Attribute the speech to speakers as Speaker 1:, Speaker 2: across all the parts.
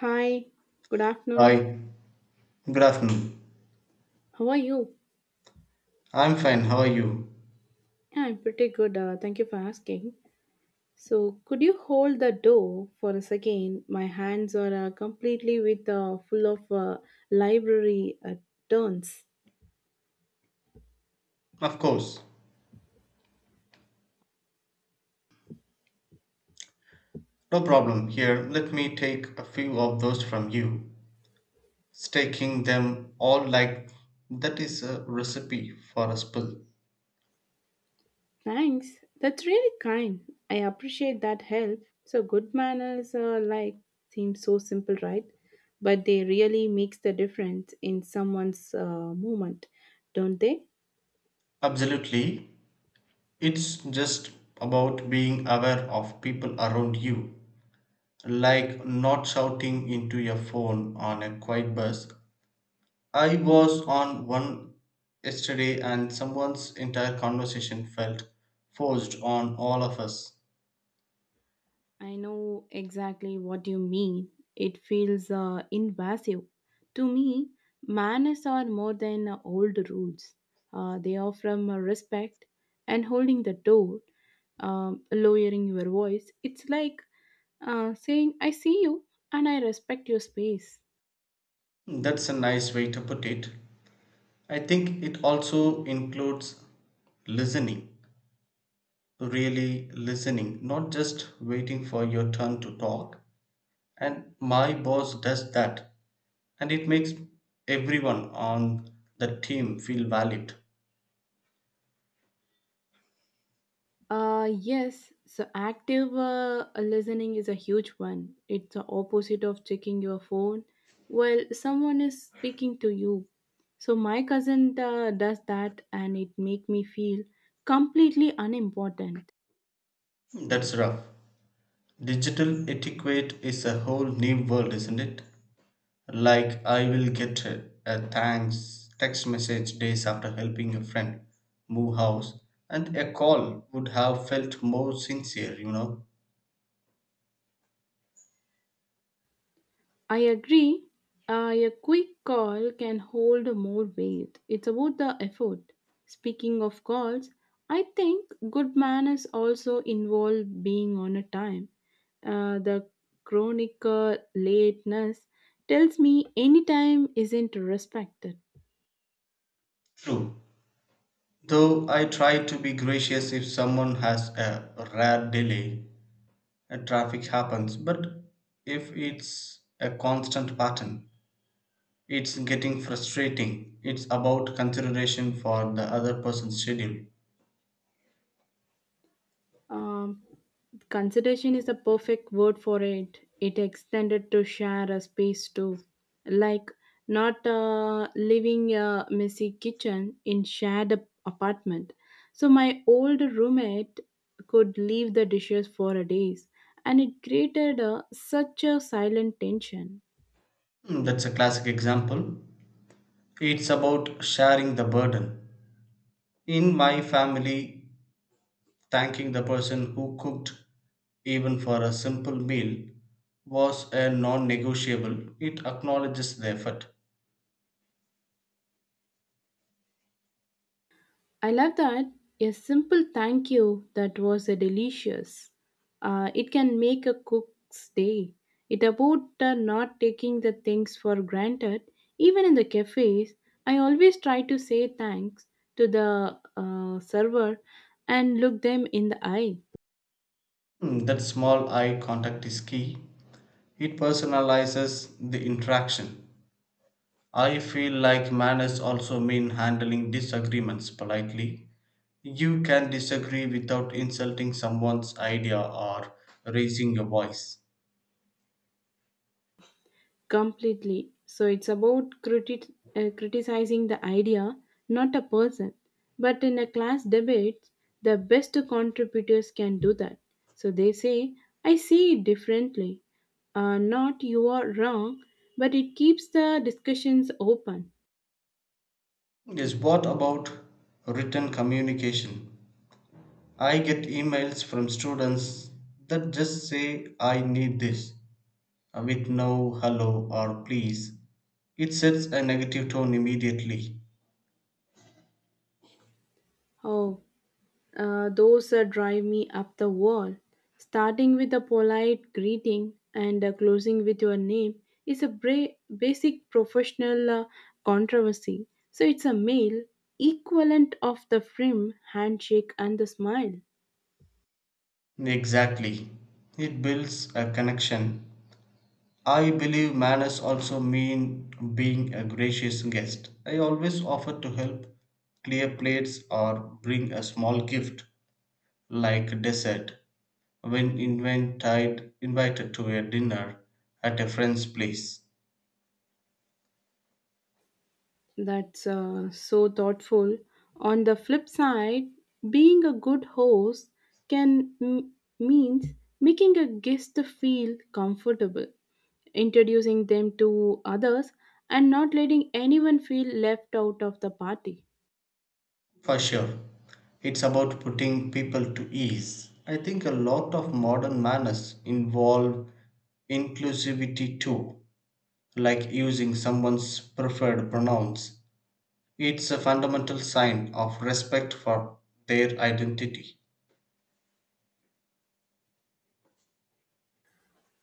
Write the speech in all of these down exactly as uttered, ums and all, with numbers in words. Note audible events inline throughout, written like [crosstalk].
Speaker 1: Hi, good afternoon.
Speaker 2: Hi, good afternoon.
Speaker 1: How are you?
Speaker 2: I'm fine, how are you?
Speaker 1: Yeah, I'm pretty good. Uh, thank you for asking. So, could you hold the door for a second? My hands are uh, completely with uh, full of uh, library uh, turns.
Speaker 2: Of course, no problem. Here, let me take a few of those from you. Staking them all like that is a recipe for a spill.
Speaker 1: Thanks. That's really kind. I appreciate that help. So, good manners are like seem so simple, right? But they really makes the difference in someone's uh, moment, don't they?
Speaker 2: Absolutely, it's just about being aware of people around you, like not shouting into your phone on a quiet bus. I was on one yesterday, and someone's entire conversation felt forced on all of us.
Speaker 1: I know exactly what you mean. It feels uh, invasive. To me, manners are more than uh, old rules. Uh, they are from uh, respect and holding the door, um, lowering your voice. It's like uh, saying, I see you and I respect your space.
Speaker 2: That's a nice way to put it. I think it also includes listening, really listening, not just waiting for your turn to talk. And my boss does that, and it makes everyone on the team feel valued.
Speaker 1: Uh, yes, so active uh, listening is a huge one. It's the opposite of checking your phone while someone is speaking to you. So my cousin uh, does that and it make me feel completely unimportant.
Speaker 2: That's rough. Digital etiquette is a whole new world, isn't it? Like, I will get a a thanks text message days after helping a friend move house, and a call would have felt more sincere, you know.
Speaker 1: I agree. Uh, a quick call can hold more weight. It's about the effort. Speaking of calls, I think good manners also involve being on a time. Uh, the chronic uh, lateness tells me any time isn't respected.
Speaker 2: True. Though I try to be gracious if someone has a rare delay and traffic happens, but if it's a constant pattern, it's getting frustrating. It's about consideration for the other person's schedule.
Speaker 1: Um, Consideration is a perfect word for it. It extended to share a space too, like not uh, living a messy kitchen in shared ap- apartment. So my old roommate could leave the dishes for a days, and it created a, such a silent tension.
Speaker 2: Mm, that's a classic example. It's about sharing the burden. In my family, thanking the person who cooked, even for a simple meal, was a non negotiable. It acknowledges the effort.
Speaker 1: I love that. A simple thank you that was a delicious. Uh, it can make a cook's day. It about uh, not taking the things for granted. Even in the cafes, I always try to say thanks to the uh, server and look them in the eye.
Speaker 2: Hmm, that small eye contact is key. It personalizes the interaction. I feel like manners also mean handling disagreements politely. You can disagree without insulting someone's idea or raising your voice.
Speaker 1: Completely. So it's about criti- uh, criticizing the idea, not a person. But in a class debate, the best contributors can do that. So they say, I see it differently. Uh, not you are wrong, but it keeps the discussions open.
Speaker 2: Yes, what about written communication? I get emails from students that just say, I need this, uh, with no hello or please. It sets a negative tone immediately.
Speaker 1: Oh, uh, those that drive me up the wall. Starting with a polite greeting and uh, closing with your name is a bra- basic professional uh, controversy. So it's a male equivalent of the firm handshake and the smile.
Speaker 2: Exactly. It builds a connection. I believe manners also mean being a gracious guest. I always offer to help clear plates or bring a small gift like dessert when invited, invited to a dinner at a friend's place.
Speaker 1: That's uh, so thoughtful. On the flip side, being a good host can m- means making a guest feel comfortable, introducing them to others, and not letting anyone feel left out of the party.
Speaker 2: For sure. It's about putting people to ease. I think a lot of modern manners involve inclusivity too, like using someone's preferred pronouns. It's a fundamental sign of respect for their identity.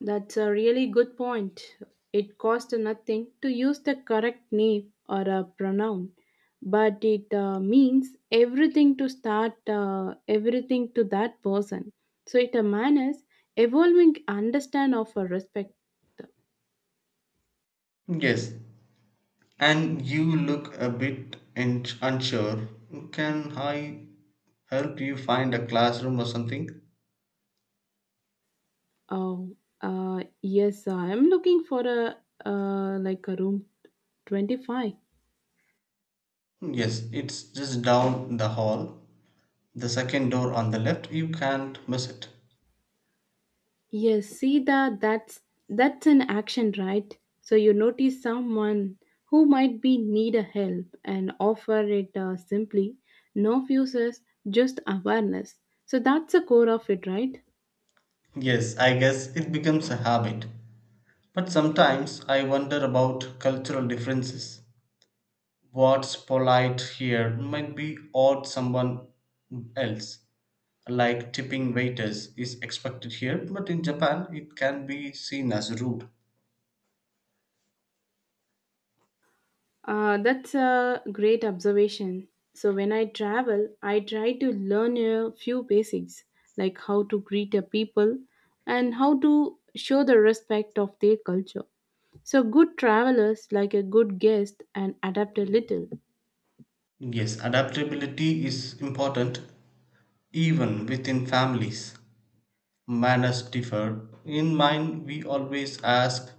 Speaker 1: That's a really good point. It costs nothing to use the correct name or a pronoun, but it uh, means everything to start uh, everything to that person. So it a manners evolving understand of a respect.
Speaker 2: Yes, and you look a bit in- unsure. Can I help you find a classroom or something?
Speaker 1: Oh, uh, yes, I am looking for a uh, like a room twenty five.
Speaker 2: Yes, it's just down the hall. The second door on the left, you can't miss it.
Speaker 1: Yes, see that that's that's an action, right? So you notice someone who might be need a help and offer it uh, simply, no fuses, just awareness. So that's the core of it, right?
Speaker 2: Yes, I guess it becomes a habit. But sometimes I wonder about cultural differences. What's polite here might be odd someone else. Like tipping waiters is expected here, but in Japan it can be seen as rude.
Speaker 1: Uh, that's a great observation. So when I travel, I try to learn a few basics like how to greet a people and how to show the respect of their culture. So good travelers like a good guest and adapt a little.
Speaker 2: Yes, adaptability is important even within families. Manners differ. In mine, we always ask,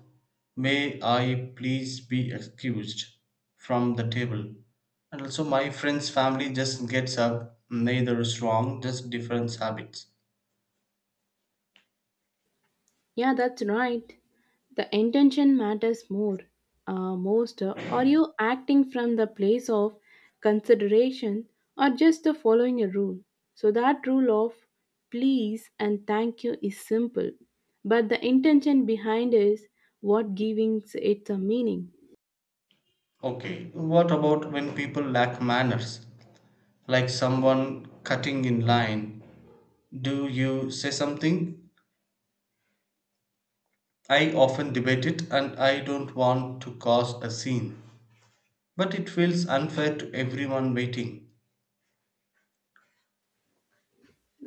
Speaker 2: may I please be excused from the table? And also, my friend's family just gets up, neither is wrong, just different habits.
Speaker 1: Yeah, that's right. The intention matters more. Uh, most uh, Are you acting from the place of consideration or just uh, following a rule? So, that rule of please and thank you is simple, but the intention behind is what giving it a meaning.
Speaker 2: Okay, what about when people lack manners? Like someone cutting in line. Do you say something? I often debate it and I don't want to cause a scene. But it feels unfair to everyone waiting.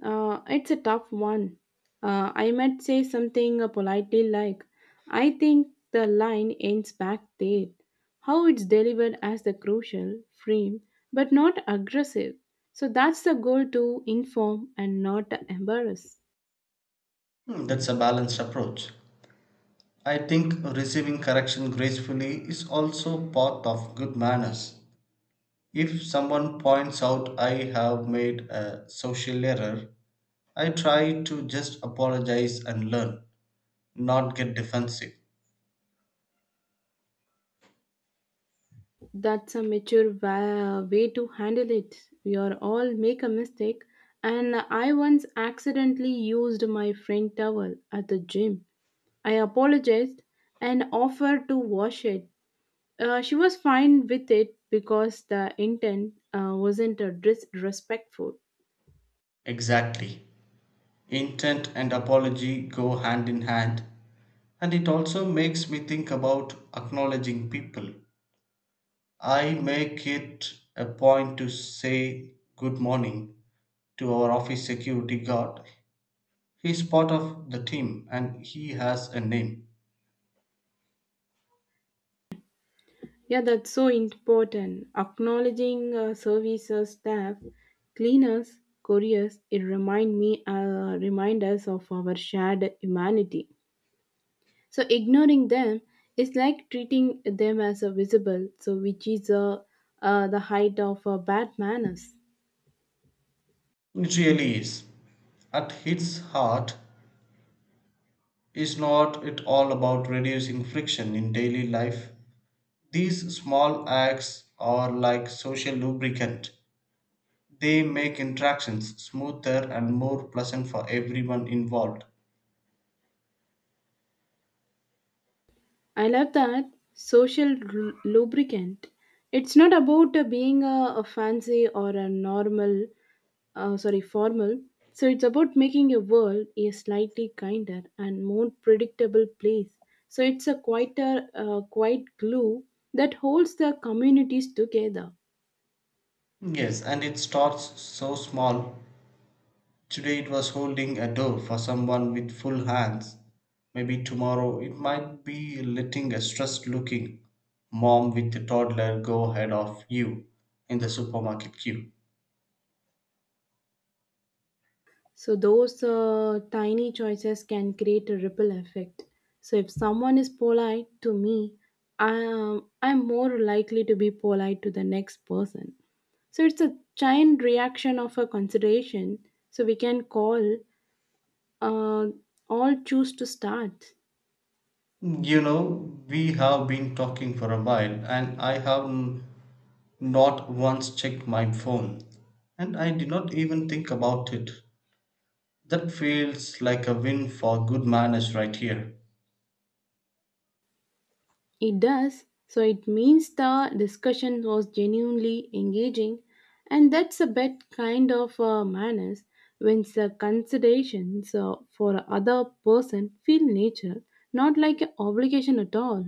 Speaker 1: Uh, it's a tough one. Uh, I might say something uh, politely like, I think the line ends back there. How it's delivered as the crucial, frame, but not aggressive. So that's the goal to inform and not embarrass.
Speaker 2: Hmm, that's a balanced approach. I think receiving correction gracefully is also part of good manners. If someone points out I have made a social error, I try to just apologize and learn, not get defensive.
Speaker 1: That's a mature wa- way to handle it. We are all make a mistake, and I once accidentally used my friend towel at the gym. I apologized and offered to wash it. Uh, she was fine with it because the intent uh, wasn't uh, disrespectful.
Speaker 2: Exactly. Intent and apology go hand in hand, and it also makes me think about acknowledging people. I make it a point to say good morning to our office security guard. He's part of the team and he has a name.
Speaker 1: Yeah, that's so important. Acknowledging uh, services staff, cleaners, couriers, it remind me, uh, remind us of our shared humanity. So ignoring them is like treating them as a visible, so which is uh, uh, the height of uh, bad manners.
Speaker 2: It really is. At its heart, is not it all about reducing friction in daily life? These small acts are like social lubricant. They make interactions smoother and more pleasant for everyone involved.
Speaker 1: I love that social lu- lubricant. It's not about uh, being a, a fancy or a normal, uh, sorry, formal. So it's about making your world a slightly kinder and more predictable place. So it's a quieter, uh, quiet glue that holds the communities together.
Speaker 2: Yes, and it starts so small. Today it was holding a door for someone with full hands. Maybe tomorrow it might be letting a stressed looking mom with a toddler go ahead of you in the supermarket queue.
Speaker 1: So those uh, tiny choices can create a ripple effect. So if someone is polite to me, I, um, I'm more likely to be polite to the next person. So it's a chain reaction of a consideration. So we can call uh, all choose to start.
Speaker 2: You know, we have been talking for a while and I have n- not once checked my phone. And I did not even think about it. That feels like a win for good manners right here.
Speaker 1: It does. So it means the discussion was genuinely engaging, and that's a bit kind of uh, manners when the considerations uh, for other person feel natural, not like an obligation at all.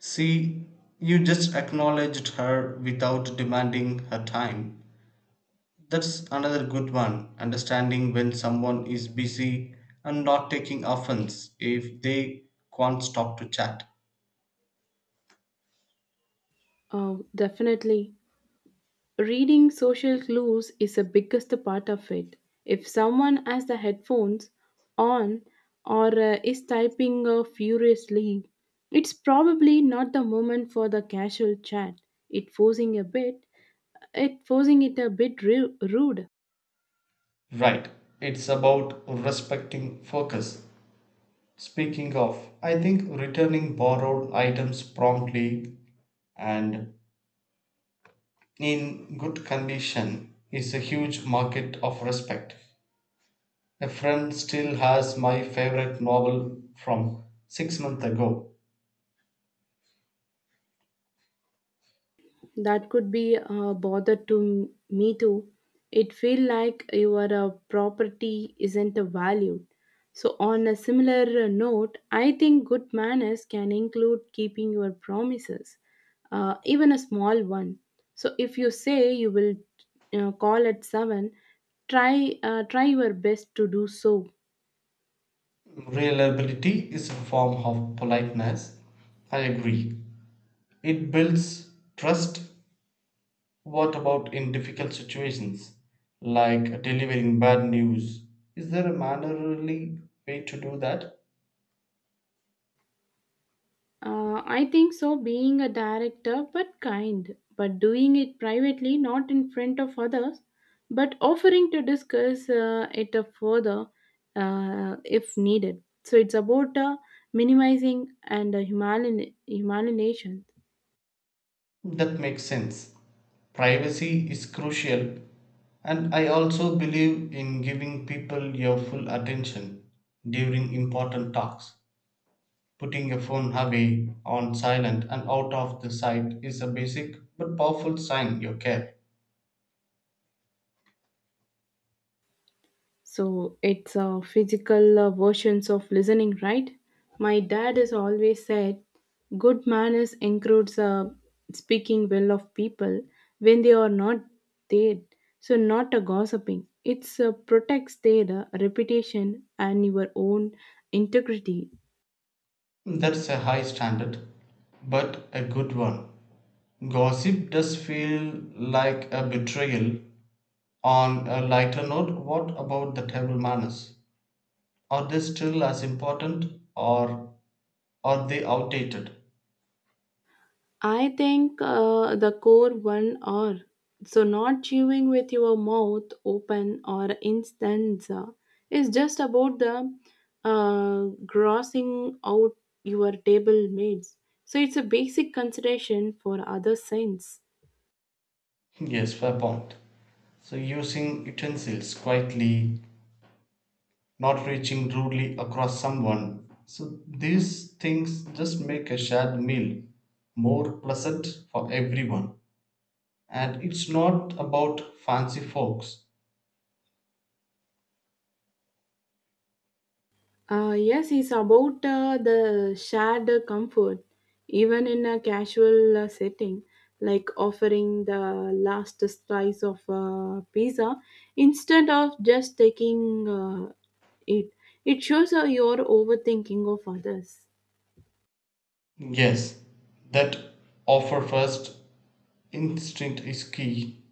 Speaker 2: See, you just acknowledged her without demanding her time. That's another good one. Understanding when someone is busy and not taking offense if they can't stop to chat.
Speaker 1: Oh, definitely. Reading social clues is the biggest part of it. If someone has the headphones on or uh, is typing uh, furiously, it's probably not the moment for the casual chat. It forcing a bit, it forcing it a bit ru- rude.
Speaker 2: Right. It's about respecting focus. Speaking of, I think returning borrowed items promptly and in good condition is a huge market of respect. A friend still has my favorite novel from six months ago.
Speaker 1: That could be a bother to me too. It feel like your uh, property isn't valued. So on a similar uh, note, I think good manners can include keeping your promises, uh, even a small one. So if you say you will uh, call at seven, try uh, try your best to do so.
Speaker 2: Reliability is a form of politeness. I agree. It builds trust. What about in difficult situations, like delivering bad news? Is there a mannerly way to do that?
Speaker 1: Uh, I think so, being a director, but kind, but doing it privately, not in front of others, but offering to discuss uh, it uh, further uh, if needed. So it's about uh, minimizing and uh, human- humanization.
Speaker 2: That makes sense. Privacy is crucial, and I also believe in giving people your full attention during important talks. Putting your phone away on silent and out of the sight is a basic but powerful sign you care.
Speaker 1: So it's a physical uh, versions of listening, right? My dad has always said good manners includes uh, speaking well of people when they are not there. So not a gossiping. It's uh, protects their uh, reputation and your own integrity.
Speaker 2: That's a high standard, but a good one. Gossip does feel like a betrayal. On a lighter note, what about the table manners? Are they still as important or are they outdated? [laughs]
Speaker 1: I think uh, the core one are so not chewing with your mouth open or instance uh, is just about the uh, grossing out your table mates. So it's a basic consideration for other sense.
Speaker 2: Yes, fair point. So using utensils quietly, not reaching rudely across someone. So these things just make a shared meal more pleasant for everyone. And it's not about fancy forks.
Speaker 1: Uh, yes, it's about uh, the shared comfort, even in a casual uh, setting, like offering the last slice of uh, pizza instead of just taking uh, it. It shows uh, your overthinking of others.
Speaker 2: Yes, that offer first instinct is key.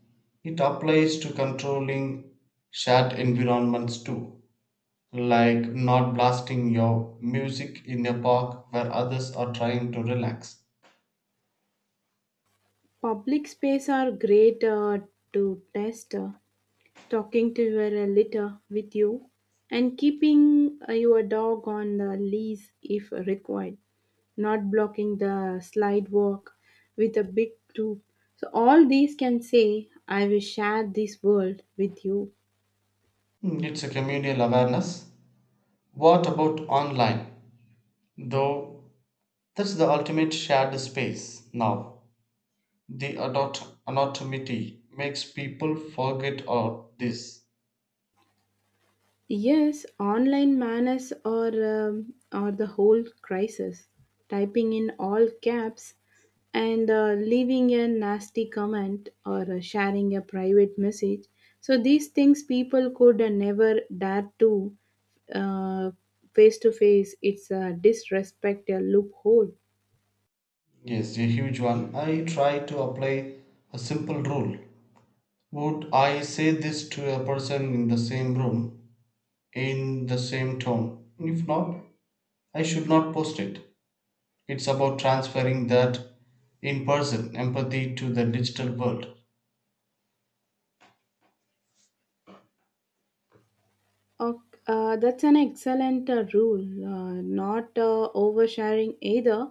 Speaker 2: It applies to controlling shared environments too, like not blasting your music in a park where others are trying to relax.
Speaker 1: Public space are great uh, to test. Uh, talking to your uh, litter with you, and keeping uh, your dog on the leash if required, not blocking the slide walk with a big group. So, all these can say, I will share this world with you.
Speaker 2: Hmm, it's a communal awareness. What about online? Though that's the ultimate shared space now. The adult anonymity makes people forget all this.
Speaker 1: Yes, online manners are um, are the whole crisis. Typing in all caps and uh, leaving a nasty comment or uh, sharing a private message. So these things people could uh, never dare to uh, face to face. It's a disrespect a loophole.
Speaker 2: Yes, a huge one. I try to apply a simple rule. Would I say this to a person in the same room, in the same tone? If not, I should not post it. It's about transferring that in person empathy to the digital world.
Speaker 1: Ok- uh, that's an excellent uh, rule. Uh, not uh, oversharing either,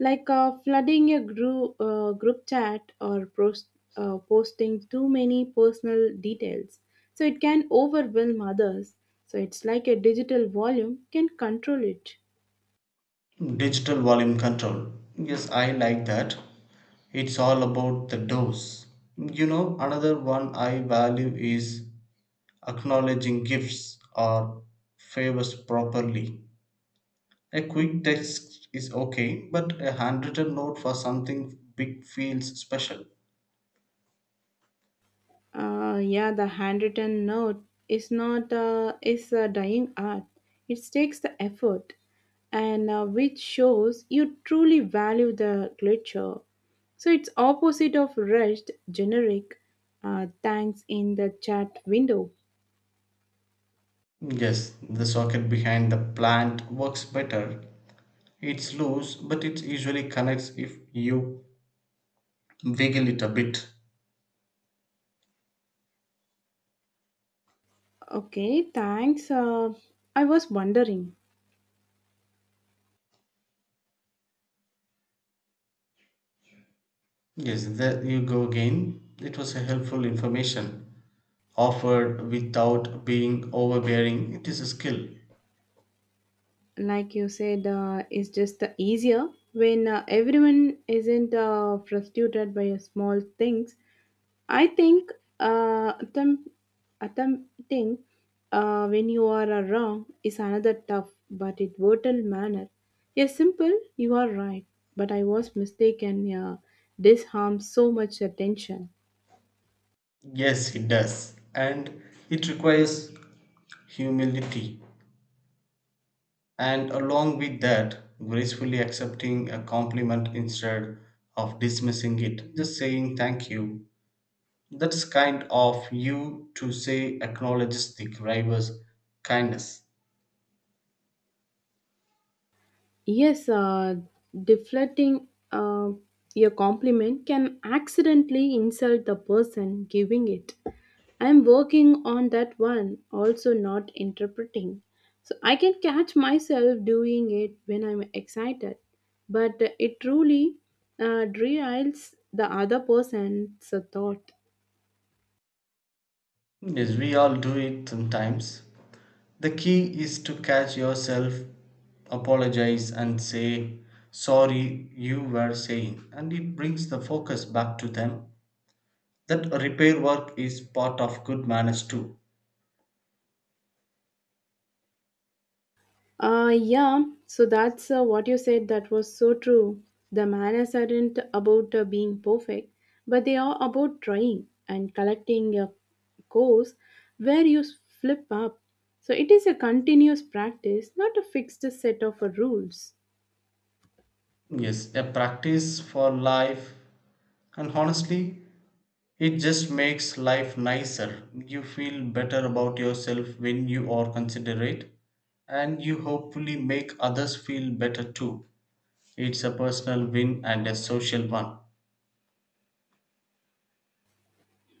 Speaker 1: like uh, flooding a group uh, group chat or post, uh, posting too many personal details. So it can overwhelm others. So it's like a digital volume can control it.
Speaker 2: Digital volume control. Yes, I like that. It's all about the dose. You know, another one I value is acknowledging gifts or favors properly. A quick text is okay, but a handwritten note for something big feels special.
Speaker 1: Uh, yeah, the handwritten note is not uh, is a dying art. It takes the effort, and uh, which shows you truly value the literature. So it's opposite of rushed generic. Uh, thanks in the chat window.
Speaker 2: Yes, the socket behind the plant works better. It's loose, but it usually connects if you wiggle it a bit.
Speaker 1: Okay, thanks. Uh, I was wondering,
Speaker 2: Yes, there you go again. It was a helpful information offered without being overbearing. It is a skill.
Speaker 1: like you said, uh, it's just the easier when uh, everyone isn't uh, frustrated by uh, small things. I think uh, attempt, attempting uh, when you are uh, wrong is another tough but it brutal manner. A simple, you are right, but I was mistaken. Yeah, this harms so much attention.
Speaker 2: Yes, it does. And it requires humility. And along with that, gracefully accepting a compliment instead of dismissing it. Just saying thank you. That's kind of you to say acknowledges the driver's kindness.
Speaker 1: Yes, uh, deflecting uh, a compliment can accidentally insult the person giving it. I'm working on that one, also not interpreting. So I can catch myself doing it when I'm excited, but it truly uh, derails the other person's thought.
Speaker 2: Yes, we all do it sometimes. The key is to catch yourself, apologize, and say, sorry, you were saying. And it brings the focus back to them. That repair work is part of good manners too.
Speaker 1: Uh, yeah, so that's uh, what you said that was so true. The manners aren't about uh, being perfect, but they are about trying and collecting a course where you flip up. So it is a continuous practice, not a fixed set of uh, rules.
Speaker 2: Yes, a practice for life. And honestly, it just makes life nicer. You feel better about yourself when you are considerate, and you hopefully make others feel better too. It's a personal win and a social one.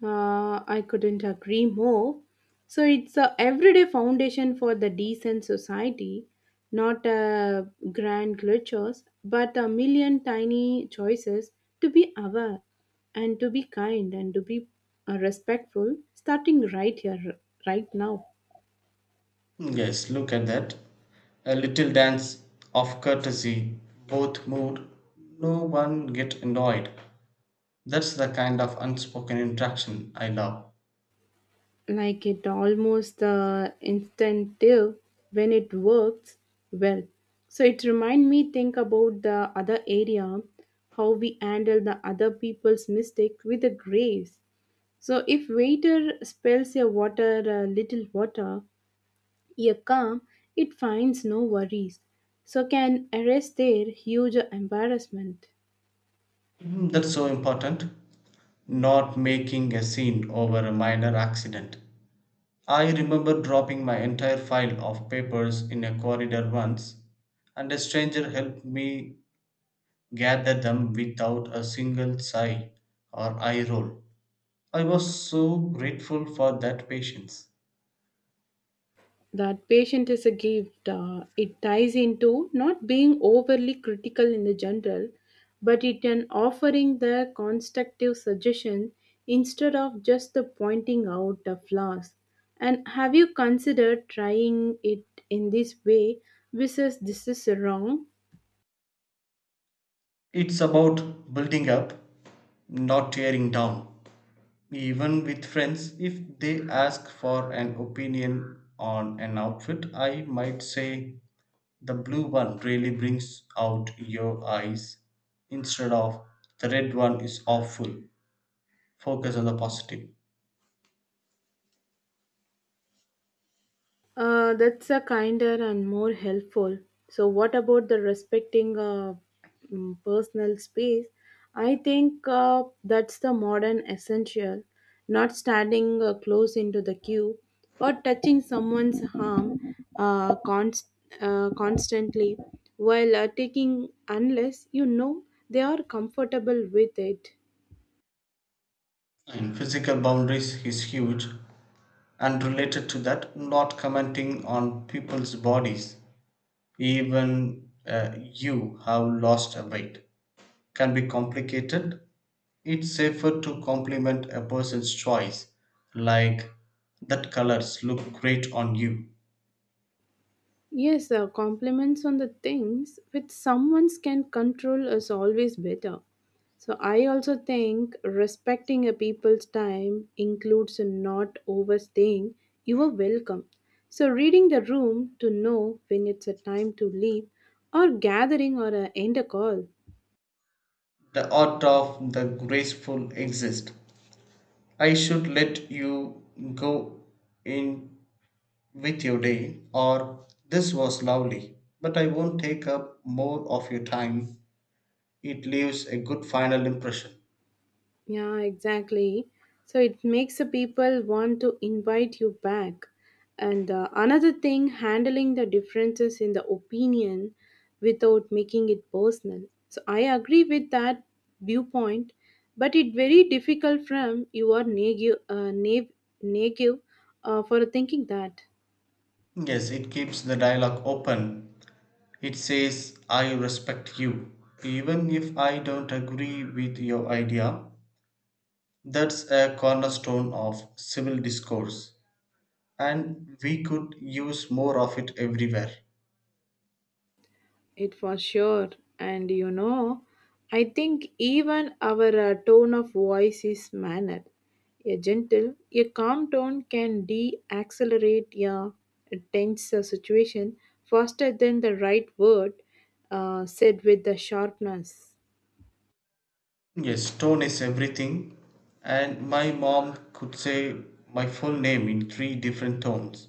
Speaker 1: Uh, I couldn't agree more. So it's a everyday foundation for the decent society, not a grand gestures, but a million tiny choices to be aware and to be kind and to be uh, respectful, starting right here, right now.
Speaker 2: Yes, look at that. A little dance of courtesy, both moved, no one get annoyed. That's the kind of unspoken interaction I love.
Speaker 1: Like it almost uh, instinctive when it works well. So it remind me think about the other area, how we handle the other people's mistake with the grace. So if waiter spills a water, a little water, a calm, it finds no worries, so can arrest their huge embarrassment.
Speaker 2: Mm, that's so important. Not making a scene over a minor accident. I remember dropping my entire file of papers in a corridor once, and a stranger helped me gather them without a single sigh or eye roll. I was so grateful for that patience.
Speaker 1: That patient is a gift. Uh, it ties into not being overly critical in the general, but it can offering the constructive suggestion instead of just the pointing out the flaws. And have you considered trying it in this way versus this is wrong?
Speaker 2: It's about building up, not tearing down. Even with friends, if they ask for an opinion on an outfit, I might say the blue one really brings out your eyes instead of the red one is awful. Focus on the positive.
Speaker 1: Uh, that's a kinder and more helpful. So, what about the respecting uh, mm, personal space? I think uh, that's the modern essential. Not standing uh, close into the queue or touching someone's arm uh, const- uh, constantly while uh, taking, unless you know they are comfortable with it.
Speaker 2: And physical boundaries is huge. And related to that, not commenting on people's bodies. Even uh, you have lost a weight, can be complicated. It's safer to compliment a person's choice, like, that colors look great on you.
Speaker 1: Yes, uh, compliments on the things which someone can control is always better. So I also think respecting a people's time includes not overstaying. You are welcome. So reading the room to know when it's a time to leave or gathering or uh, end a call.
Speaker 2: The art of the graceful exists. I should let you go in with your day, or this was lovely, but I won't take up more of your time. It leaves a good final impression.
Speaker 1: Yeah, exactly. So it makes the people want to invite you back. And uh, another thing, handling the differences in the opinion without making it personal. So I agree with that viewpoint, but it very difficult from you are negative, uh, nav- negative uh, for thinking that.
Speaker 2: Yes, it keeps the dialogue open. It says, I respect you, even if I don't agree with your idea. That's a cornerstone of civil discourse, and we could use more of it everywhere.
Speaker 1: It for sure. And you know, I think even our uh, tone of voice is manner. A gentle, a calm tone can de accelerate a tense uh, situation faster than the right word uh, said with the sharpness.
Speaker 2: Yes, tone is everything, and my mom could say my full name in three different tones.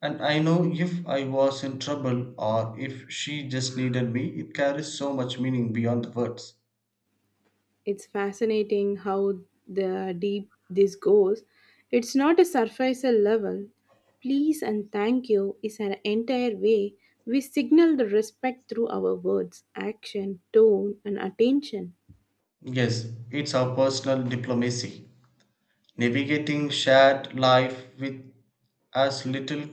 Speaker 2: And I know if I was in trouble or if she just needed me, it carries so much meaning beyond the words.
Speaker 1: It's fascinating how the deep this goes. It's not a surface level. Please and thank you is an entire way we signal the respect through our words, action, tone, and attention.
Speaker 2: Yes, it's our personal diplomacy, navigating shared life with as little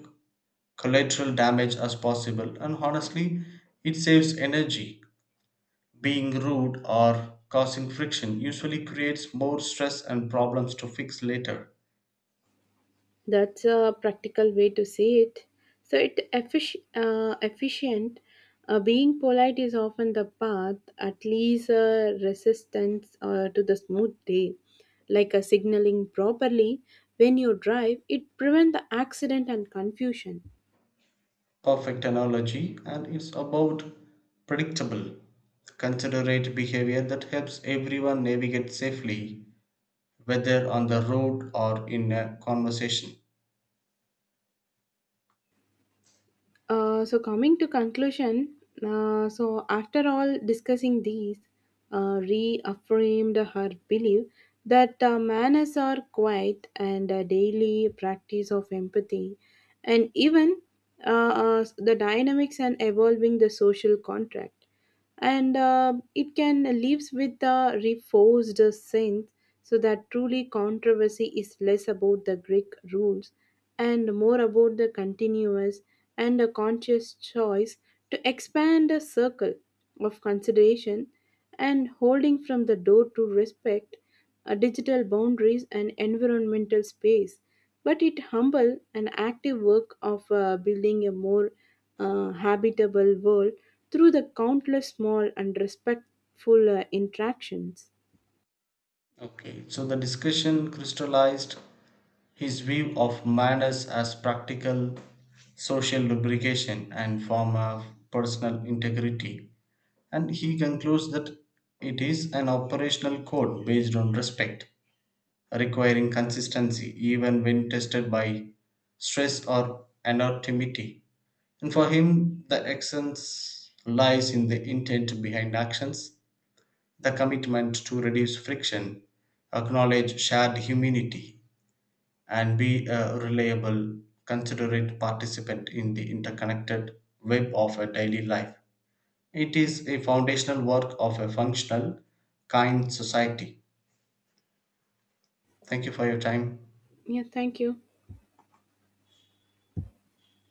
Speaker 2: collateral damage as possible. And honestly, it saves energy. Being rude or causing friction usually creates more stress and problems to fix later.
Speaker 1: That's a practical way to say it. So it effic- uh, efficient. Uh, being polite is often the path, at least a resistance uh, to the smooth day. Like a signaling properly when you drive, it prevents the accident and confusion.
Speaker 2: Perfect analogy, and it's about predictable, considerate behavior that helps everyone navigate safely, whether on the road or in a conversation.
Speaker 1: Uh, so coming to conclusion, uh, so after all discussing these, uh, reaffirmed her belief that uh, manners are quiet and a daily practice of empathy, and even uh, uh, the dynamics and evolving the social contract and uh, it can lives with the reforced sense, so that truly controversy is less about the greek rules and more about the continuous and a conscious choice to expand a circle of consideration and holding from the door to respect uh, digital boundaries and environmental space. But it humble and active work of uh, building a more uh, habitable world through the countless small and respectful uh, interactions.
Speaker 2: Okay, so the discussion crystallized his view of manners as practical social lubrication and form of personal integrity. And he concludes that it is an operational code based on respect, requiring consistency even when tested by stress or anonymity. And for him, the essence lies in the intent behind actions, the commitment to reduce friction, acknowledge shared humanity, and be a reliable, considerate participant in the interconnected web of a daily life. It is a foundational work of a functional, kind society. Thank you for your time.
Speaker 1: Yeah, thank you.